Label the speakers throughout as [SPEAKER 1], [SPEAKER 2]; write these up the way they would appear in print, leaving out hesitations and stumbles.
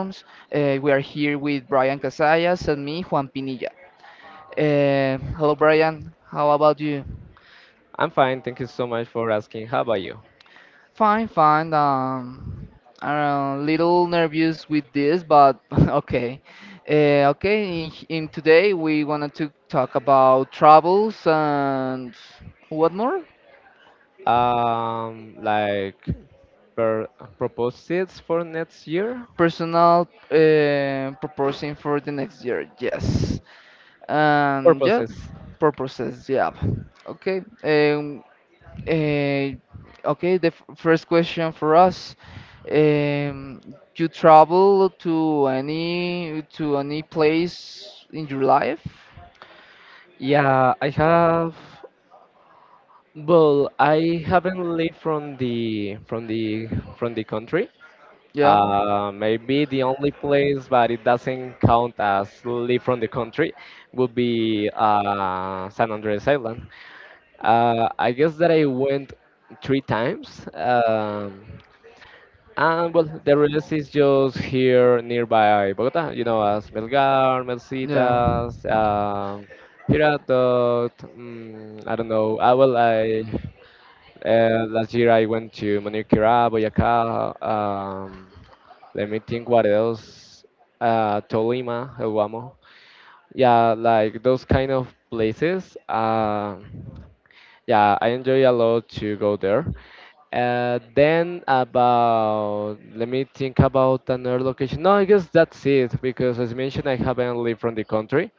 [SPEAKER 1] We are here with Brian Casillas and me, Juan Pinilla. Hello, Brian. How about you?
[SPEAKER 2] I'm fine. Thank you so much for asking. How about you?
[SPEAKER 1] Fine, fine. I'm a little nervous with this, but okay. Okay, in today we wanted to talk about travels and what more?
[SPEAKER 2] Like per proposals for next year?
[SPEAKER 1] Personal proposing for the next year. Yes. And yeah,
[SPEAKER 2] Purposes.
[SPEAKER 1] purposes, yeah. Okay. Eh, okay, the first question for us, um, you travel to any place in your life?
[SPEAKER 2] Yeah, I have. Well, I haven't lived from the from the country.
[SPEAKER 1] Yeah,
[SPEAKER 2] Maybe the only place, but it doesn't count as live from the country, would be San Andres Island. I guess that I went three times. And well, the rest is just here nearby Bogota, you know, as Melgar,
[SPEAKER 1] yeah,
[SPEAKER 2] Melcitas, Girardot, I don't know. I well, I Last year I went to Manquera, Boyacá. Let me think what else. Tolima, El Guamo. Yeah, like those kind of places. Yeah, I enjoy a lot to go there. Then about let me think about another location. No, I guess that's it because as mentioned, I haven't lived from the country.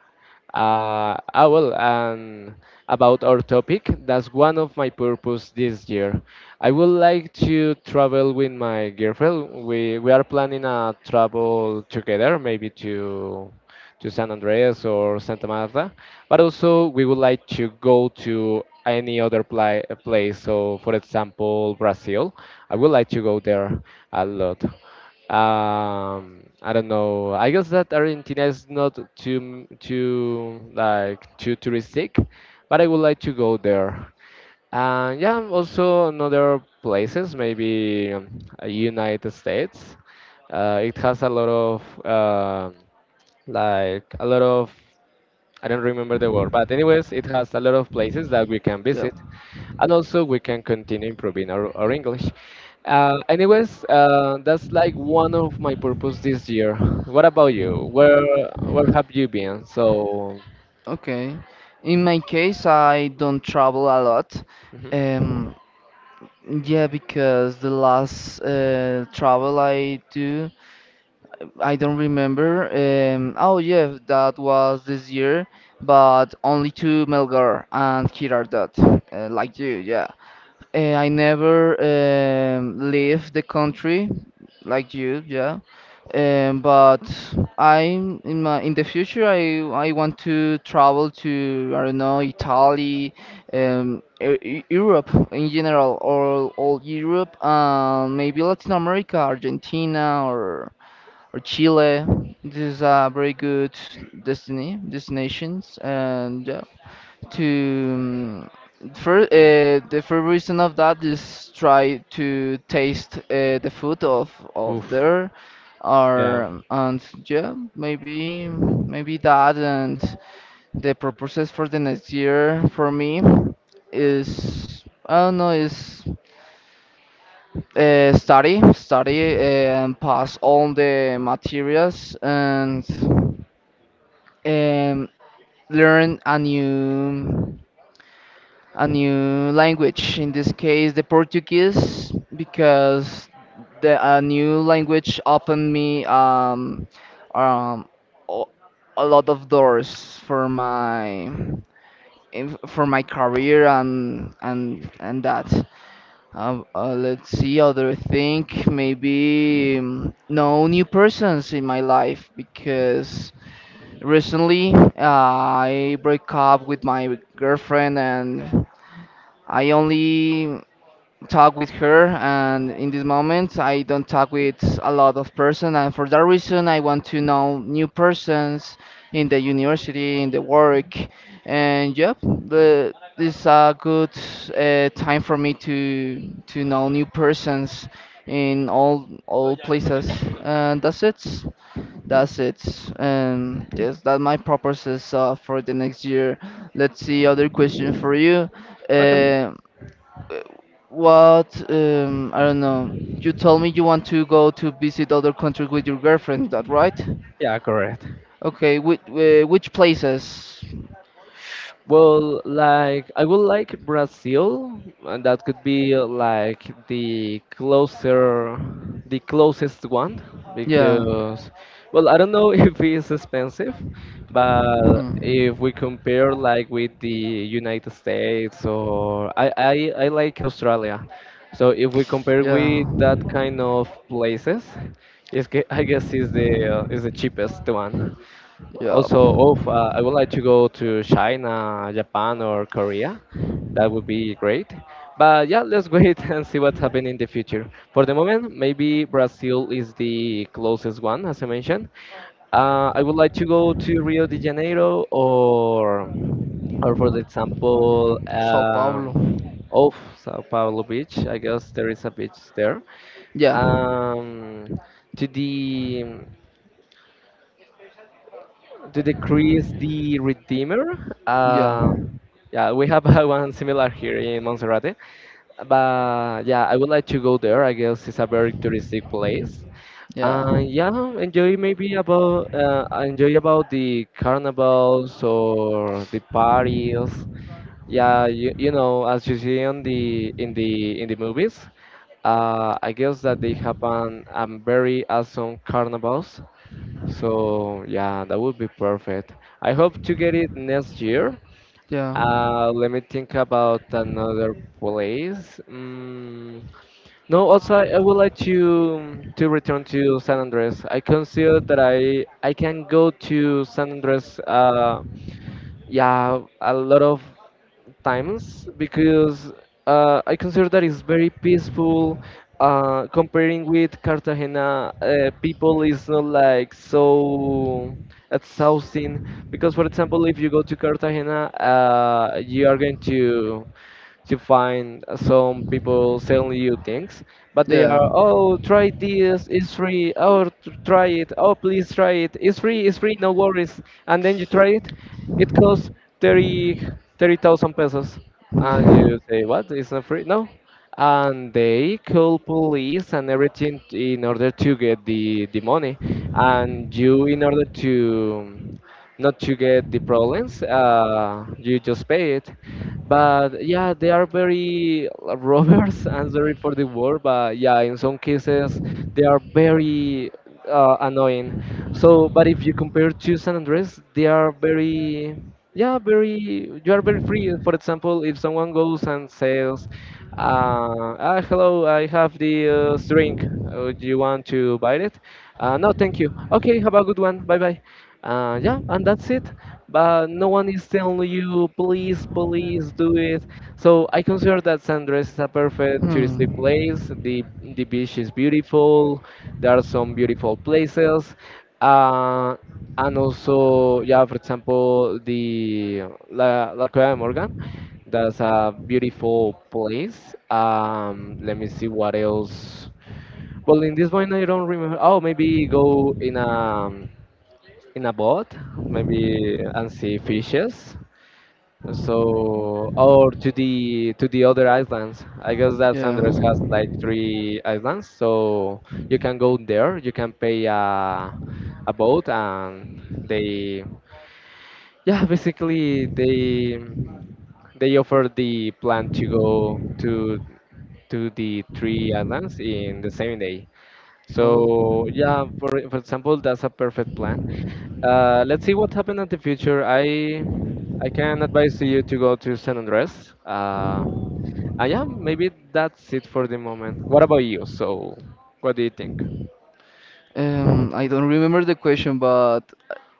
[SPEAKER 2] Well, and about our topic, that's one of my purpose this year. I would like to travel with my girlfriend. We are planning a travel together, maybe to San Andreas or Santa Marta. But also, we would like to go to any other place. So, for example, Brazil. I would like to go there a lot. I don't know. I guess that Argentina is not too touristic, but I would like to go there. And yeah, also another places, maybe United States. It has a lot of I don't remember the word, but anyways, it has a lot of places that we can
[SPEAKER 1] yeah.
[SPEAKER 2] visit, and also we can continue improving our English. That's like one of my purpose this year. What about you? Where have you been? So,
[SPEAKER 1] Okay, in my case I don't travel a lot.
[SPEAKER 2] mhm.
[SPEAKER 1] um yeah, because the last travel I do, I don't remember. Oh yeah, that was this year, but only to Melgar and Girardot, like you, yeah. I never leave the country, like you, yeah. But I in my in the future I want to travel to, I don't know, Italy, Europe in general or all Europe, maybe Latin America, Argentina or Chile. These are very good destiny destinations, and yeah, to um, for, uh, the first reason of that is try to taste the food of
[SPEAKER 2] Oof,
[SPEAKER 1] there,
[SPEAKER 2] yeah,
[SPEAKER 1] or. And yeah, maybe that. And the purposes for the next year for me is, I don't know, is study and pass all the materials, and um, learn a new language. In this case, the Portuguese, because the a new language opened me um, o- a lot of doors for my for my career and that. Let's see other thing. Maybe no new persons in my life because recently, I broke up with my girlfriend, and I only talk with her, and in this moment I don't talk with a lot of person, and for that reason I want to know new persons in the university, in the work. And yep, this is a good time for me to know new persons in all places, and that's it. That's it. And yes, that my purposes for the next year. Let's see other question for you.
[SPEAKER 2] okay,
[SPEAKER 1] Um, Uh, what, I don't know. You told me you want to go to visit other countries with your girlfriend. That right?
[SPEAKER 2] yeah, correct.
[SPEAKER 1] Okay. Which places?
[SPEAKER 2] Well, like I would like Brazil, and that could be like the closer, the closest one
[SPEAKER 1] Yeah.
[SPEAKER 2] because, well, I don't know if it's expensive, but
[SPEAKER 1] Hmm.
[SPEAKER 2] if we compare like with the United States or I like Australia. So if we compare with
[SPEAKER 1] Yeah.
[SPEAKER 2] that kind of places, I guess is the cheapest one.
[SPEAKER 1] Yeah.
[SPEAKER 2] Also, of I would like to go to China, Japan, or Korea. That would be great. But yeah, let's wait and see what's happening in the future. For the moment, maybe Brazil is the closest one, as I mentioned. I would like to go to Rio de Janeiro or for example,
[SPEAKER 1] Sao Paulo.
[SPEAKER 2] of Sao Paulo beach. I guess there is a beach there.
[SPEAKER 1] Yeah.
[SPEAKER 2] Um, to the to decrease the redeemer.
[SPEAKER 1] Yeah.
[SPEAKER 2] Uh, yeah, we have one similar here in Monserrate. But yeah, I would like to go there. I guess it's a very touristic place.
[SPEAKER 1] Yeah.
[SPEAKER 2] Yeah, enjoy about the carnivals or the parties. Yeah, you know, as you see on the in the in the movies, I guess that they have a very awesome carnivals so yeah, that would be perfect. I hope to get it next year.
[SPEAKER 1] Yeah.
[SPEAKER 2] Let me think about another place. No, also I would like to return to San Andres. I consider that I can go to San Andres. Yeah, a lot of times because I consider that it's very peaceful. Comparing with Cartagena, people is not like so exhausting because, for example, if you go to Cartagena, you are going to find some people selling you things, but they
[SPEAKER 1] Yeah.
[SPEAKER 2] are oh try this, it's free. Try it. Oh please try it. It's free. It's free. No worries. And then you try it, it costs 30 30,000 pesos. And
[SPEAKER 1] Yeah.
[SPEAKER 2] you say, what? It's not free? No. And they call police and everything in order to get the money. And you, in order to not to get the problems, you just pay it. But yeah, they are very robbers. I'm sorry for the word, but yeah, in some cases they are very annoying. So, but if you compare to San Andres, they are very, yeah, very. You are very free. For example, if someone goes and says, "Hello, I have the drink. Do you want to buy it?" No, thank you. Okay, have a good one. Bye bye. Yeah, and that's it. But no one is telling you, please, please do it. So I consider that San Andres is a perfect touristic
[SPEAKER 1] Hmm.
[SPEAKER 2] place. The beach is beautiful. There are some beautiful places, uh, and also, yeah, for example, La Cueva de Morgan. That's a beautiful place. Let me see what else. Well, in this one, I don't remember. Oh, maybe go in a boat, maybe and see fishes. So, or to the other islands. I guess that
[SPEAKER 1] Yeah.
[SPEAKER 2] Sanders has like three islands, so you can go there. You can pay a boat, and they yeah, basically they offer the plan to go to the three islands in the same day.
[SPEAKER 1] Oh.
[SPEAKER 2] So yeah, for example, that's a perfect plan let's see what happened in the future. I can advise you to go to San Andres. And yeah, maybe that's it for the moment. What about you? So, what do you think?
[SPEAKER 1] I don't remember the question, but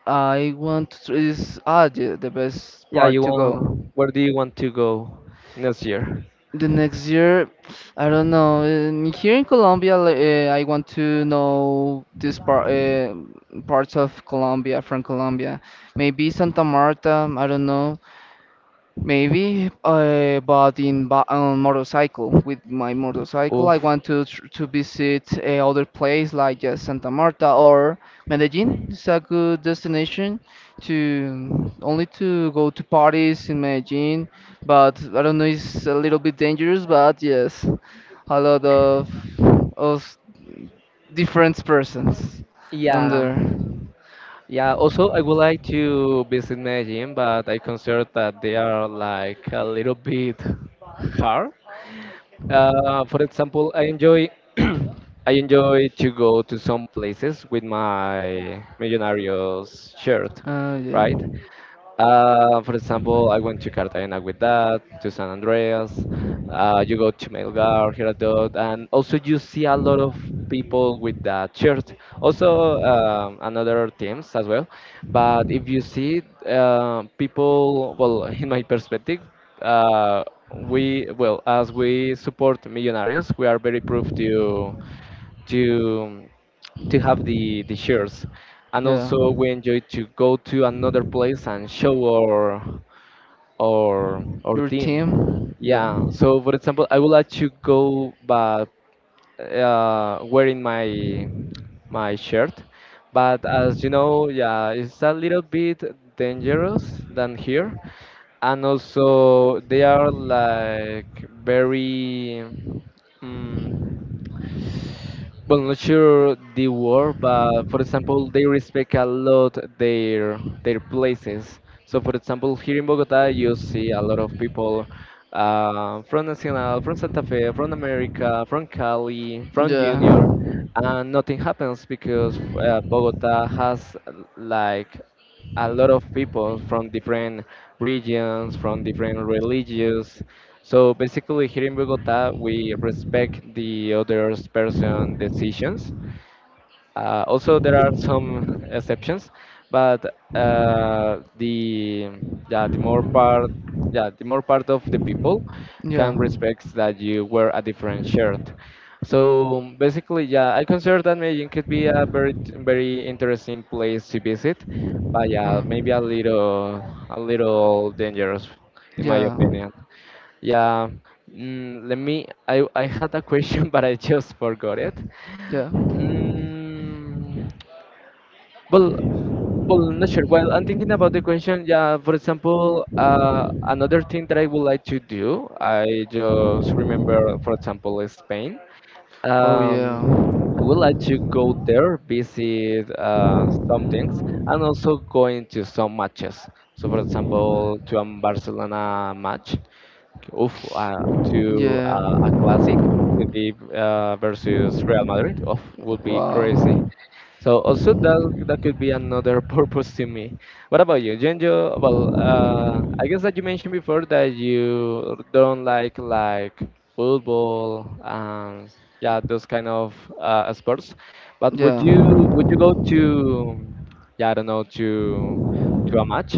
[SPEAKER 1] I want to is ah yeah, the best
[SPEAKER 2] Yeah,
[SPEAKER 1] part
[SPEAKER 2] you
[SPEAKER 1] to go.
[SPEAKER 2] want? Where do you want to go next year?
[SPEAKER 1] The next year, I don't know. In, here in Colombia, like, I want to know this part, parts of Colombia from Colombia. Maybe Santa Marta. I don't know. Maybe, but in ba on motorcycle. With my motorcycle, I
[SPEAKER 2] Oof.
[SPEAKER 1] want to tr to visit other place like just Santa Marta or Medellin. It's a good destination to only to go to parties in Medellin, but I don't know, it's a little bit dangerous, but yes, a lot of different persons on
[SPEAKER 2] Yeah,
[SPEAKER 1] there.
[SPEAKER 2] yeah. Also, I would like to visit Medellin, but I consider that they are like a little bit hard. For example, I enjoy I enjoy to go to some places with my Millonarios shirt,
[SPEAKER 1] Yeah,
[SPEAKER 2] right? For example, I went to Cartagena with that, to San Andreas. You go to Melgar, Girardot, and also you see a lot of people with that shirt. Also, another teams as well. But if you see people, well, in my perspective, uh, we well as we support millionaires, we are very proof to to have the shares and
[SPEAKER 1] yeah.
[SPEAKER 2] also we enjoy to go to another place and show our
[SPEAKER 1] Your
[SPEAKER 2] team
[SPEAKER 1] team, yeah,
[SPEAKER 2] yeah so for example I would like to go but wearing my shirt but as you know yeah it's a little bit dangerous than here and also they are like very mm well, not sure the word, but for example, they respect a lot their places. So, for example, here in Bogota, you see a lot of people from Nacional, from Santa Fe, from America, from Cali, from
[SPEAKER 1] yeah.
[SPEAKER 2] Junior, and nothing happens because Bogota has like a lot of people from different regions, from different religions, so basically, here in Bogota, we respect the other person decisions. Also, there are some exceptions, but the yeah the more part yeah the more part of the people
[SPEAKER 1] Yeah.
[SPEAKER 2] can respect that you wear a different shirt. So basically, yeah, I consider that Medellin could be a very very interesting place to visit, but yeah, maybe
[SPEAKER 1] Mm.
[SPEAKER 2] a little dangerous, in my
[SPEAKER 1] Yeah.
[SPEAKER 2] opinion. Yeah. Mm, let me. I had a question, but I just forgot it.
[SPEAKER 1] Yeah.
[SPEAKER 2] Mm, well, well, not sure. Well, I'm thinking about the question. Yeah, for example, another thing that I would like to do, I just remember, for example, is Spain.
[SPEAKER 1] Oh
[SPEAKER 2] Um, I
[SPEAKER 1] yeah.
[SPEAKER 2] would like to go there, visit some things, and also going to some matches. So, for example, to a Barcelona match. Oof, uh, to
[SPEAKER 1] Yeah.
[SPEAKER 2] a classic could be versus Real Madrid. Oof, would be crazy.
[SPEAKER 1] Wow.
[SPEAKER 2] So also that could be another purpose to me. What about you, Genjo? Well, I guess that you mentioned before that you don't like football and yeah those kind of sports. But
[SPEAKER 1] Yeah.
[SPEAKER 2] would you go to yeah I don't know to a match?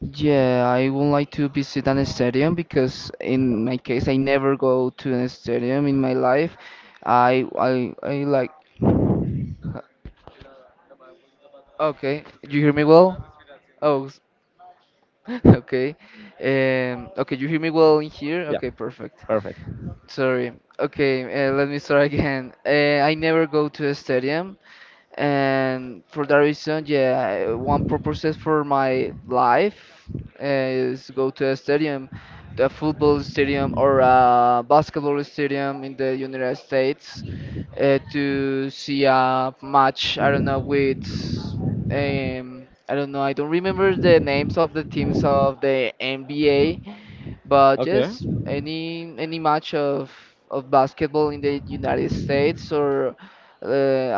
[SPEAKER 1] Yeah, I would like to visit an stadium because in my case I never go to an stadium in my life. I like uh, okay, you hear me well? Oh, s- okay. Okay, you hear me well in here?
[SPEAKER 2] Yeah,
[SPEAKER 1] Okay, perfect.
[SPEAKER 2] perfect.
[SPEAKER 1] Sorry. Okay, let me start again. I never go to a stadium, and for that reason, yeah, one purpose for my life is go to a stadium, a football stadium or a basketball stadium in the United States, to see a match. I don't know with, I don't know. I don't remember the names of the teams of the NBA, but
[SPEAKER 2] Okay.
[SPEAKER 1] yes, any match of basketball in the United States or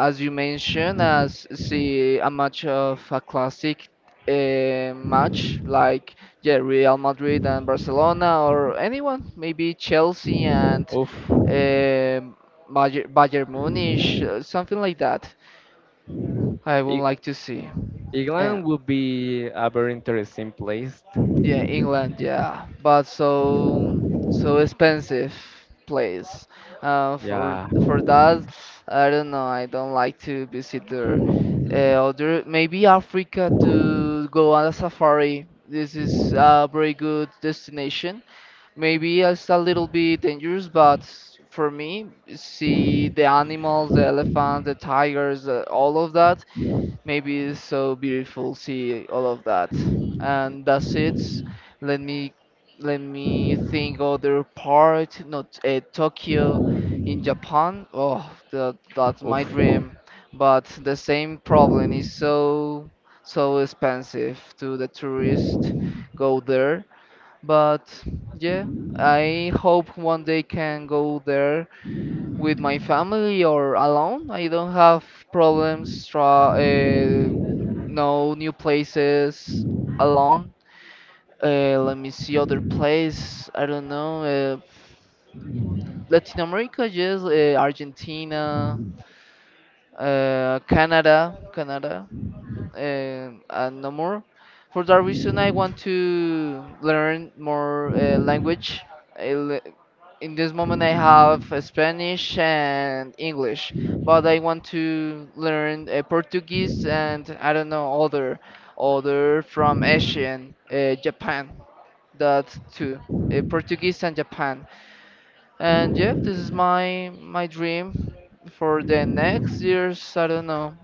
[SPEAKER 1] as you mentioned, as see a match of a classic match like yeah Real Madrid and Barcelona or anyone, maybe Chelsea and
[SPEAKER 2] Oof.
[SPEAKER 1] um Bayern Munich, something like that. I would
[SPEAKER 2] I-
[SPEAKER 1] like to see.
[SPEAKER 2] England would be a very interesting place.
[SPEAKER 1] Yeah, England, yeah, but so so expensive place. For
[SPEAKER 2] Yeah.
[SPEAKER 1] for that, I don't know. I don't like to visit there. Other maybe Africa to go on a safari. This is a very good destination. Maybe it's a little bit dangerous, but for me, see the animals, the elephants, the tigers, all of that. Maybe it's so beautiful see all of that. And that's it. Let me let me think other part, not Tokyo in Japan. Oh, that's my
[SPEAKER 2] Oof.
[SPEAKER 1] dream. But the same problem is so so expensive to the tourist go there. But yeah, I hope one day can go there with my family or alone. I don't have problems try no new places alone. Let me see other place. I don't know. Latin America, yes. Argentina, Canada and no more. For that reason, I want to learn more language. I le- in this moment, I have Spanish and English, but I want to learn Portuguese and, I don't know, other from Asian Japan. That too, Portuguese and Japan. And yeah, this is my dream for the next years. I don't know.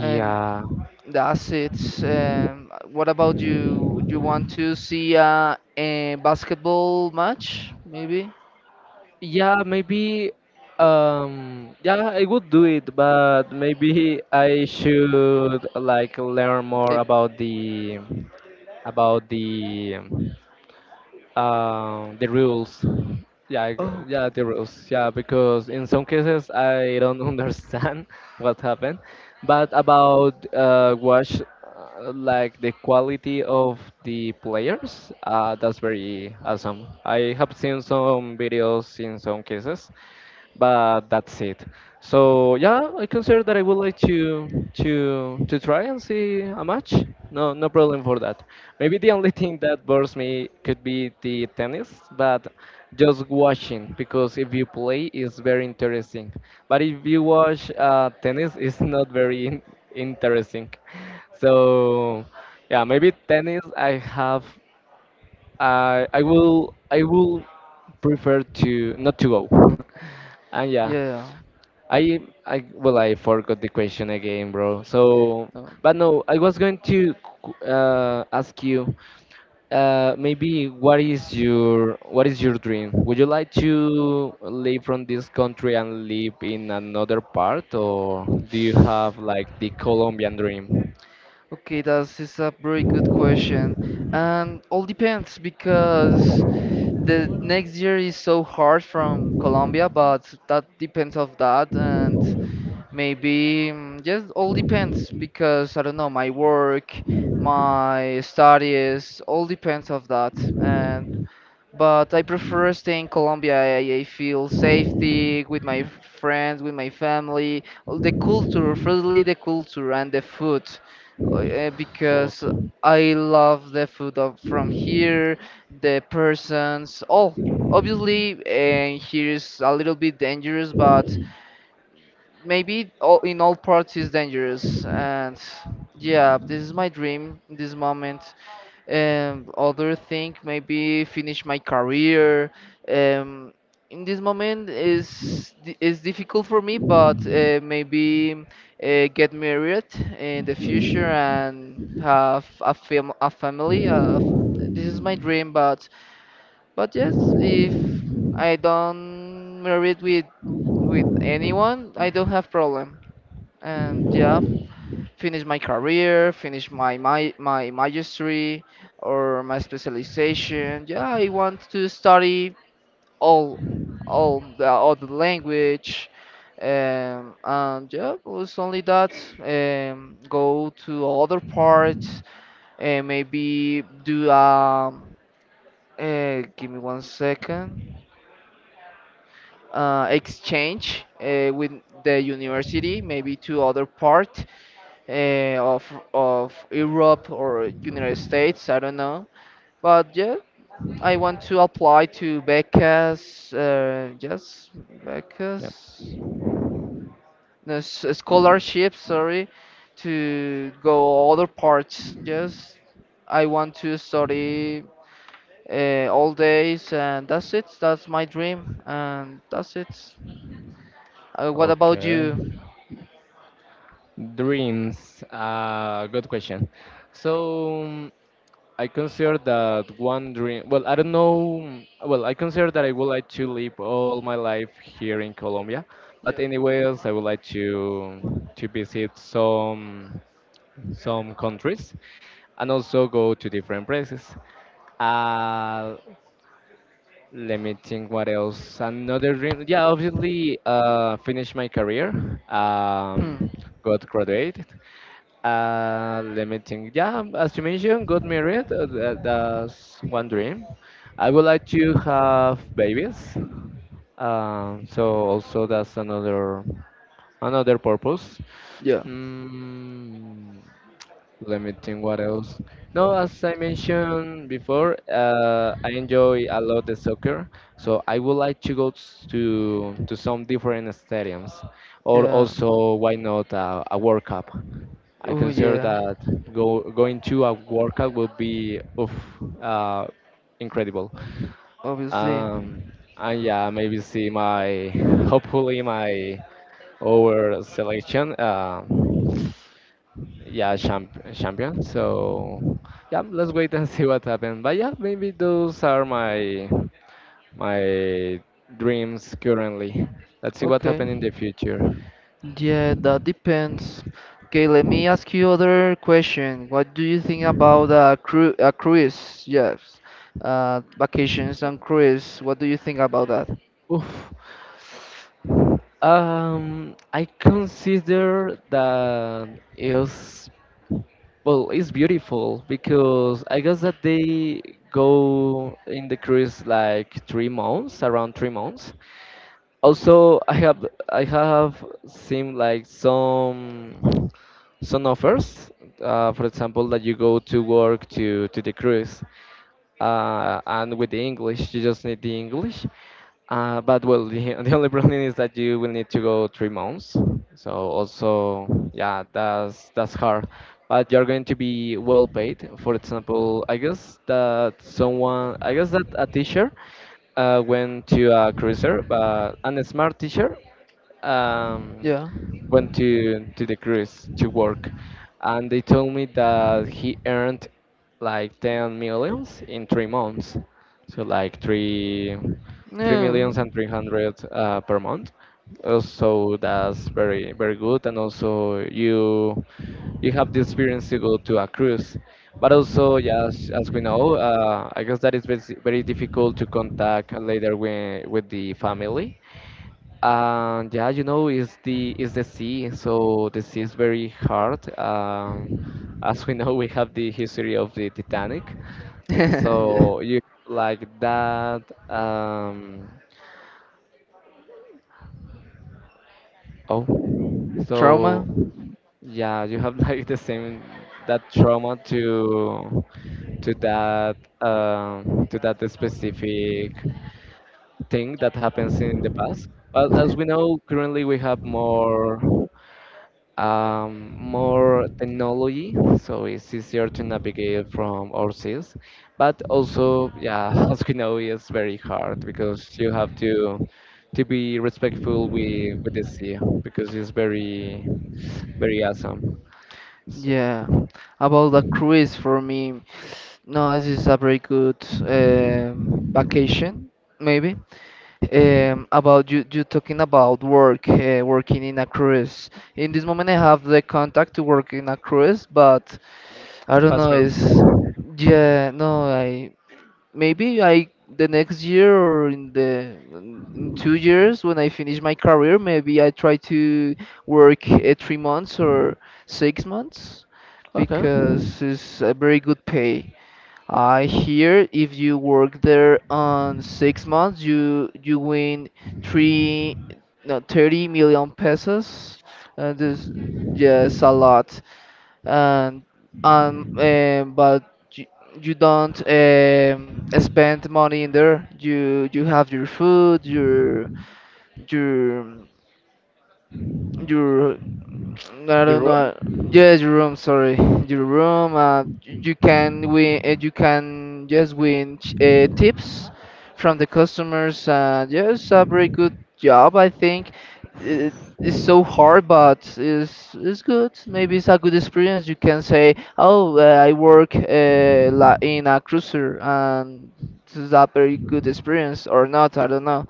[SPEAKER 1] And that's it. What about you? Do you want to see a basketball match, maybe?
[SPEAKER 2] Yeah, maybe, yeah, I would do it, but maybe I should like learn more
[SPEAKER 1] Eh,
[SPEAKER 2] about about the the rules.
[SPEAKER 1] oh, okay.
[SPEAKER 2] Yeah, the rules. Yeah, because in some cases I don't understand what happened. But about watch, like the quality of the players, that's very awesome. I have seen some videos in some cases, but that's it. So yeah, I consider that I would like to try and see a match. No, no problem for that. Maybe the only thing that bores me could be the tennis, but just watching because if you play, it's very interesting. But if you watch tennis, it's not very interesting. So yeah, maybe tennis. I will. I will prefer to not to go. and yeah
[SPEAKER 1] Yeah.
[SPEAKER 2] I I forgot the question again, bro. So,
[SPEAKER 1] No.
[SPEAKER 2] but no, I was going to ask you, maybe what is your dream? Would you like to leave from this country and live in another part, or do you have like the Colombian dream?
[SPEAKER 1] Okay, that is a very good question. And all depends because the next year is so hard from Colombia, but that depends of that. And maybe yes, all depends because I don't know, my work, my studies, all depends of that. And but I prefer staying in Colombia. I feel safety with my friends, with my family. Oh, the culture, firstly, the culture and the food, because
[SPEAKER 2] Food.
[SPEAKER 1] I love the food of, from here, the persons, all. Obviously, here is a little bit dangerous, but maybe all, in all parts is dangerous. And yeah, this is my dream in this moment. Other thing maybe finish my career. um, in this moment is is difficult for me, but maybe get married in the future and have a, a family this is my dream. But yes, if I don't married with anyone, I don't have problem. And yeah, finish my career, finish my mastery or my specialization. Yeah, I want to study all all the other language. And yeah, it's only that. Go to other parts and maybe do. Give me one second. Exchange with the university, maybe to other part uh, of of Europe or United States. I don't know, but yeah, I want to apply to becas, yes,
[SPEAKER 2] Yep.
[SPEAKER 1] becas, no, scholarships. Sorry, to go other parts. Yes, I want to study. All days and that's it, that's my dream and that's it. What about
[SPEAKER 2] Okay.
[SPEAKER 1] you?
[SPEAKER 2] Dreams. Good question. So, I consider that one dream. Well, I don't know. Well, I consider that I would like to live all my life here in Colombia. But anyways, I would like to visit some countries and also go to different places. Uh, let me think what else. Another dream. Yeah, obviously, finish my career.
[SPEAKER 1] Hmm.
[SPEAKER 2] Um, got graduated. Let me think. Yeah, as you mentioned, got married. That's one dream. I would like to have babies. So also that's another purpose.
[SPEAKER 1] Yeah.
[SPEAKER 2] Mm, let me think what else. No, as I mentioned before, I enjoy a lot the soccer, so I would like to go to some different stadiums, or
[SPEAKER 1] Yeah.
[SPEAKER 2] also why not a World Cup. I
[SPEAKER 1] Oh
[SPEAKER 2] consider
[SPEAKER 1] yeah.
[SPEAKER 2] that go going to a World Cup would be oof, uh, incredible.
[SPEAKER 1] Obviously.
[SPEAKER 2] Um, and yeah, maybe see my hopefully my our selection. Yeah, champion, so yeah, let's wait and see what happens. But yeah, maybe those are my dreams currently. Let's see what
[SPEAKER 1] Okay.
[SPEAKER 2] happens in the future.
[SPEAKER 1] Yeah, that depends. Okay, let me ask you other question. What do you think about a cru a cruise? Yes. Vacations and cruise. What do you think about that?
[SPEAKER 2] Oof. I consider that, is well, it's beautiful because I guess that they go in the cruise like 3 months, around 3 months. Also, I have seen like some offers, for example, that you go to work to the cruise, and with the English, you just need the English. But well, the, the only problem is that you will need to go 3 months. So also, yeah, that's hard. But you're going to be well paid. For example, I guess that someone, I guess that a teacher went to a cruiser, but and a smart teacher. Um,
[SPEAKER 1] Yeah.
[SPEAKER 2] went to the cruise to work, and they told me that he earned like 10 millions in 3 months, so like three
[SPEAKER 1] No.
[SPEAKER 2] millions and 300 per month. So that's very very good, and also you have the experience to go to a cruise. But also, yes, as we know, I guess that is very, very difficult to contact later with the family, and yeah, it's the sea, so the sea is very hard. As we know, we have the history of the Titanic,
[SPEAKER 1] Yeah.
[SPEAKER 2] so you like that. Um, oh,
[SPEAKER 1] Trauma?
[SPEAKER 2] so yeah, you have like the same that trauma to that specific thing that happens in the past. But as we know, currently we have more, technology, so it's easier to navigate from overseas. But also, yeah, as we know, it's very hard because you have to be respectful with the sea because it's very very awesome. S-
[SPEAKER 1] Yeah. About the cruise for me. No, this is a very good vacation, maybe. Um, about you, you talking about work, working in a cruise. In this moment, I have the contact to work in a cruise, but I don't
[SPEAKER 2] pass
[SPEAKER 1] know.
[SPEAKER 2] me.
[SPEAKER 1] No, I maybe I the next year or in the in 2 years when I finish my career, maybe I try to work 3 months or 6 months
[SPEAKER 2] Okay,
[SPEAKER 1] because it's a very good pay. I hear if you work there on 6 months, you you win three, no, 30 million pesos. This, yes, a lot. And but you, you don't spend money in there. You have your food, your your I
[SPEAKER 2] your
[SPEAKER 1] don't
[SPEAKER 2] room?
[SPEAKER 1] know. Yes, your room. Sorry, your room. You can win. You can just win tips from the customers. Yes, a very good job. I think it, it's so hard, but it's good. Maybe it's a good experience. You can say, "Oh, I work in a cruiser, and this is a very good experience," or not. I don't know.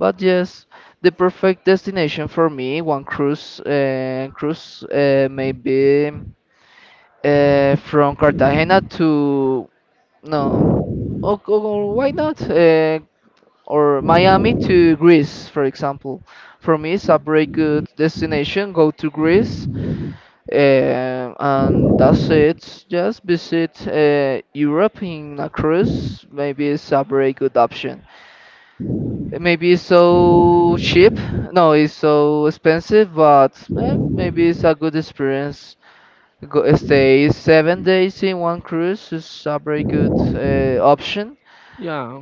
[SPEAKER 1] But yes, the perfect destination for me, one cruise, maybe from Cartagena to no, or why not? Or Miami to Greece, for example. For me, it's a very good destination. Go to Greece, and that's it. Just visit Europe in a cruise. Maybe it's a very good option. It may be so cheap, no, it's so expensive, but eh, maybe it's a good experience. Go, stay 7 days in one cruise is a very good option.
[SPEAKER 2] Yeah.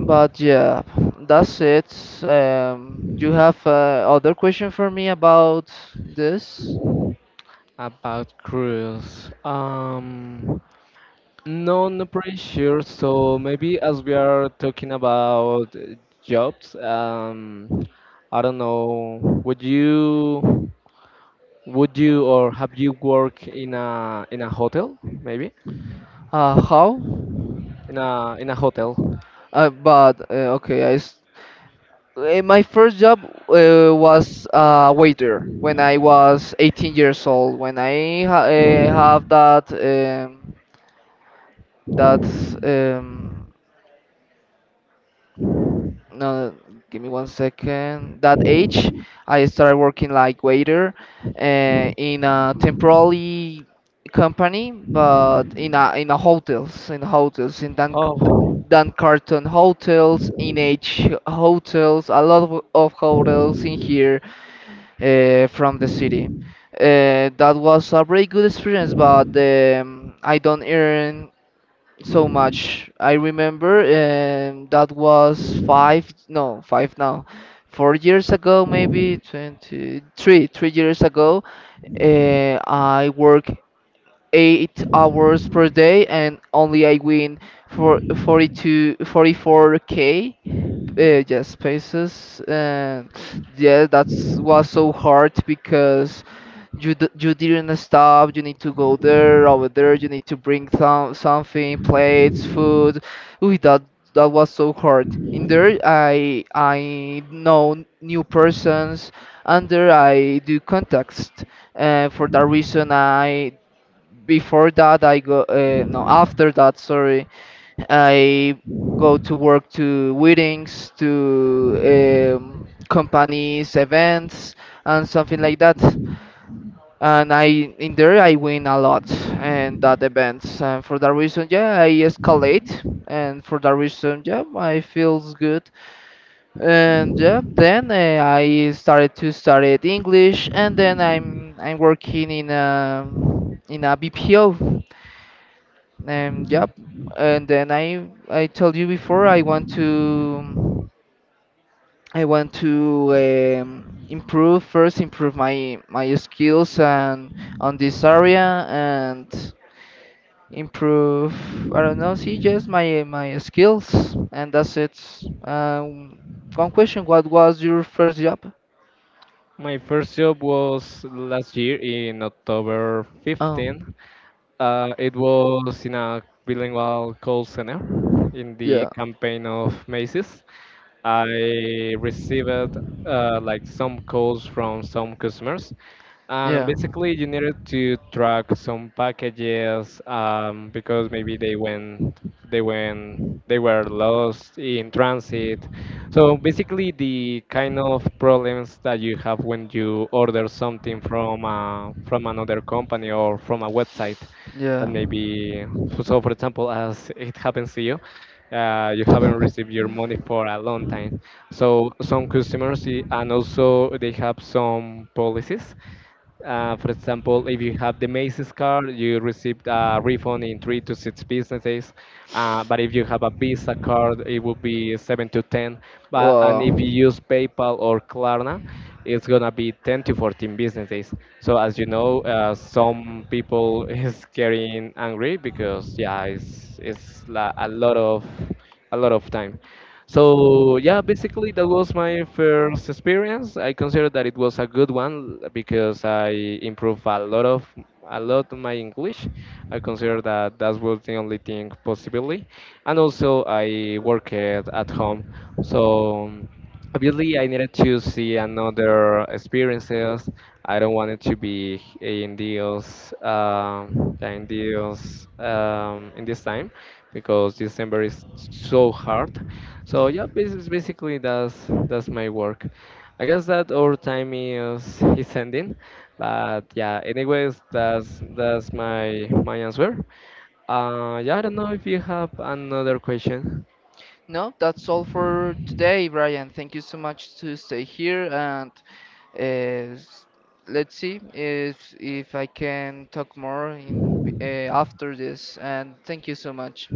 [SPEAKER 1] But yeah, that's it. You have other question for me about this?
[SPEAKER 2] About cruise. No, not pretty sure. So maybe as we are talking about jobs, I don't know. Would you, or have you worked in a hotel? Maybe
[SPEAKER 1] How?
[SPEAKER 2] in a hotel.
[SPEAKER 1] But okay, I s- My first job was a waiter when I was 18 years old. When I ha have that that um, no, give me one second. That age, I started working like waiter in a temporary company, but in a hotels, in hotels, in
[SPEAKER 2] Oh,
[SPEAKER 1] Dan Carton hotels, in H hotels, a lot of hotels in here from the city. That was a very good experience, but I don't earn so much. I remember that was five, no, five now, 4 years ago, maybe 23, 3 years ago. I work 8 hours per day and only I win for 42, 44 k, yes, spaces. And yeah, that was so hard because you didn't stop. You need to go there, over there. You need to bring some something, plates, food. Ooh, that was so hard. In there, I know new persons, and there I do contacts. For that reason, I before that I go. No, after that, sorry. I go to work to weddings, to companies, events, and something like that. And I in there I win a lot in that events. And for that reason, yeah, I escalate. And for that reason, yeah, I feels good. And yeah, then I started to study English, and then I'm working in a BPO and yep. And then I told you before I want to improve first improve my my skills, and on this area, and improve I don't know see just my skills, and that's it. Um, One question: what was your first job?
[SPEAKER 2] my first job was last year in October
[SPEAKER 1] Oh
[SPEAKER 2] 15. It was in a bilingual call center in the
[SPEAKER 1] yeah,
[SPEAKER 2] campaign of Macy's. I received like some calls from some customers. Um,
[SPEAKER 1] yeah,
[SPEAKER 2] basically, you needed to track some packages because maybe they were lost in transit. So basically, the kind of problems that you have when you order something from another company or from a website that
[SPEAKER 1] yeah.
[SPEAKER 2] maybe, so for example, as it happens to you, you haven't received your money for a long time. So some customers and also they have some policies, for example, if you have the Macy's card, you received a refund in 3 to 6 business days. But if you have a Visa card, it will be 7 to 10. But and if you
[SPEAKER 1] Wow.
[SPEAKER 2] use PayPal or Klarna, it's gonna be 10 to 14 business days. So as you know, some people is getting angry because yeah, a lot of time. So yeah, basically that was my first experience. I consider that it was a good one because I improved a lot my English. I consider that that was the only thing possibly, and also I worked at home, so obviously I needed to see another experiences. I don't want it to be in deals, yeah, in deals, in this time because December is so hard. So yeah, it's basically that's my work. I guess that our time is ending, but yeah. Anyways, that's my answer. Yeah, I don't know if you have another question.
[SPEAKER 1] No, that's all for today, Brian. Thank you so much to stay here and uh, s- let's see if I can talk more in after this. And thank you so much.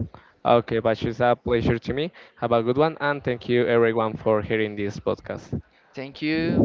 [SPEAKER 2] Okay, but it's a pleasure to me. Have a good one, and thank you everyone for hearing this podcast.
[SPEAKER 1] Thank you.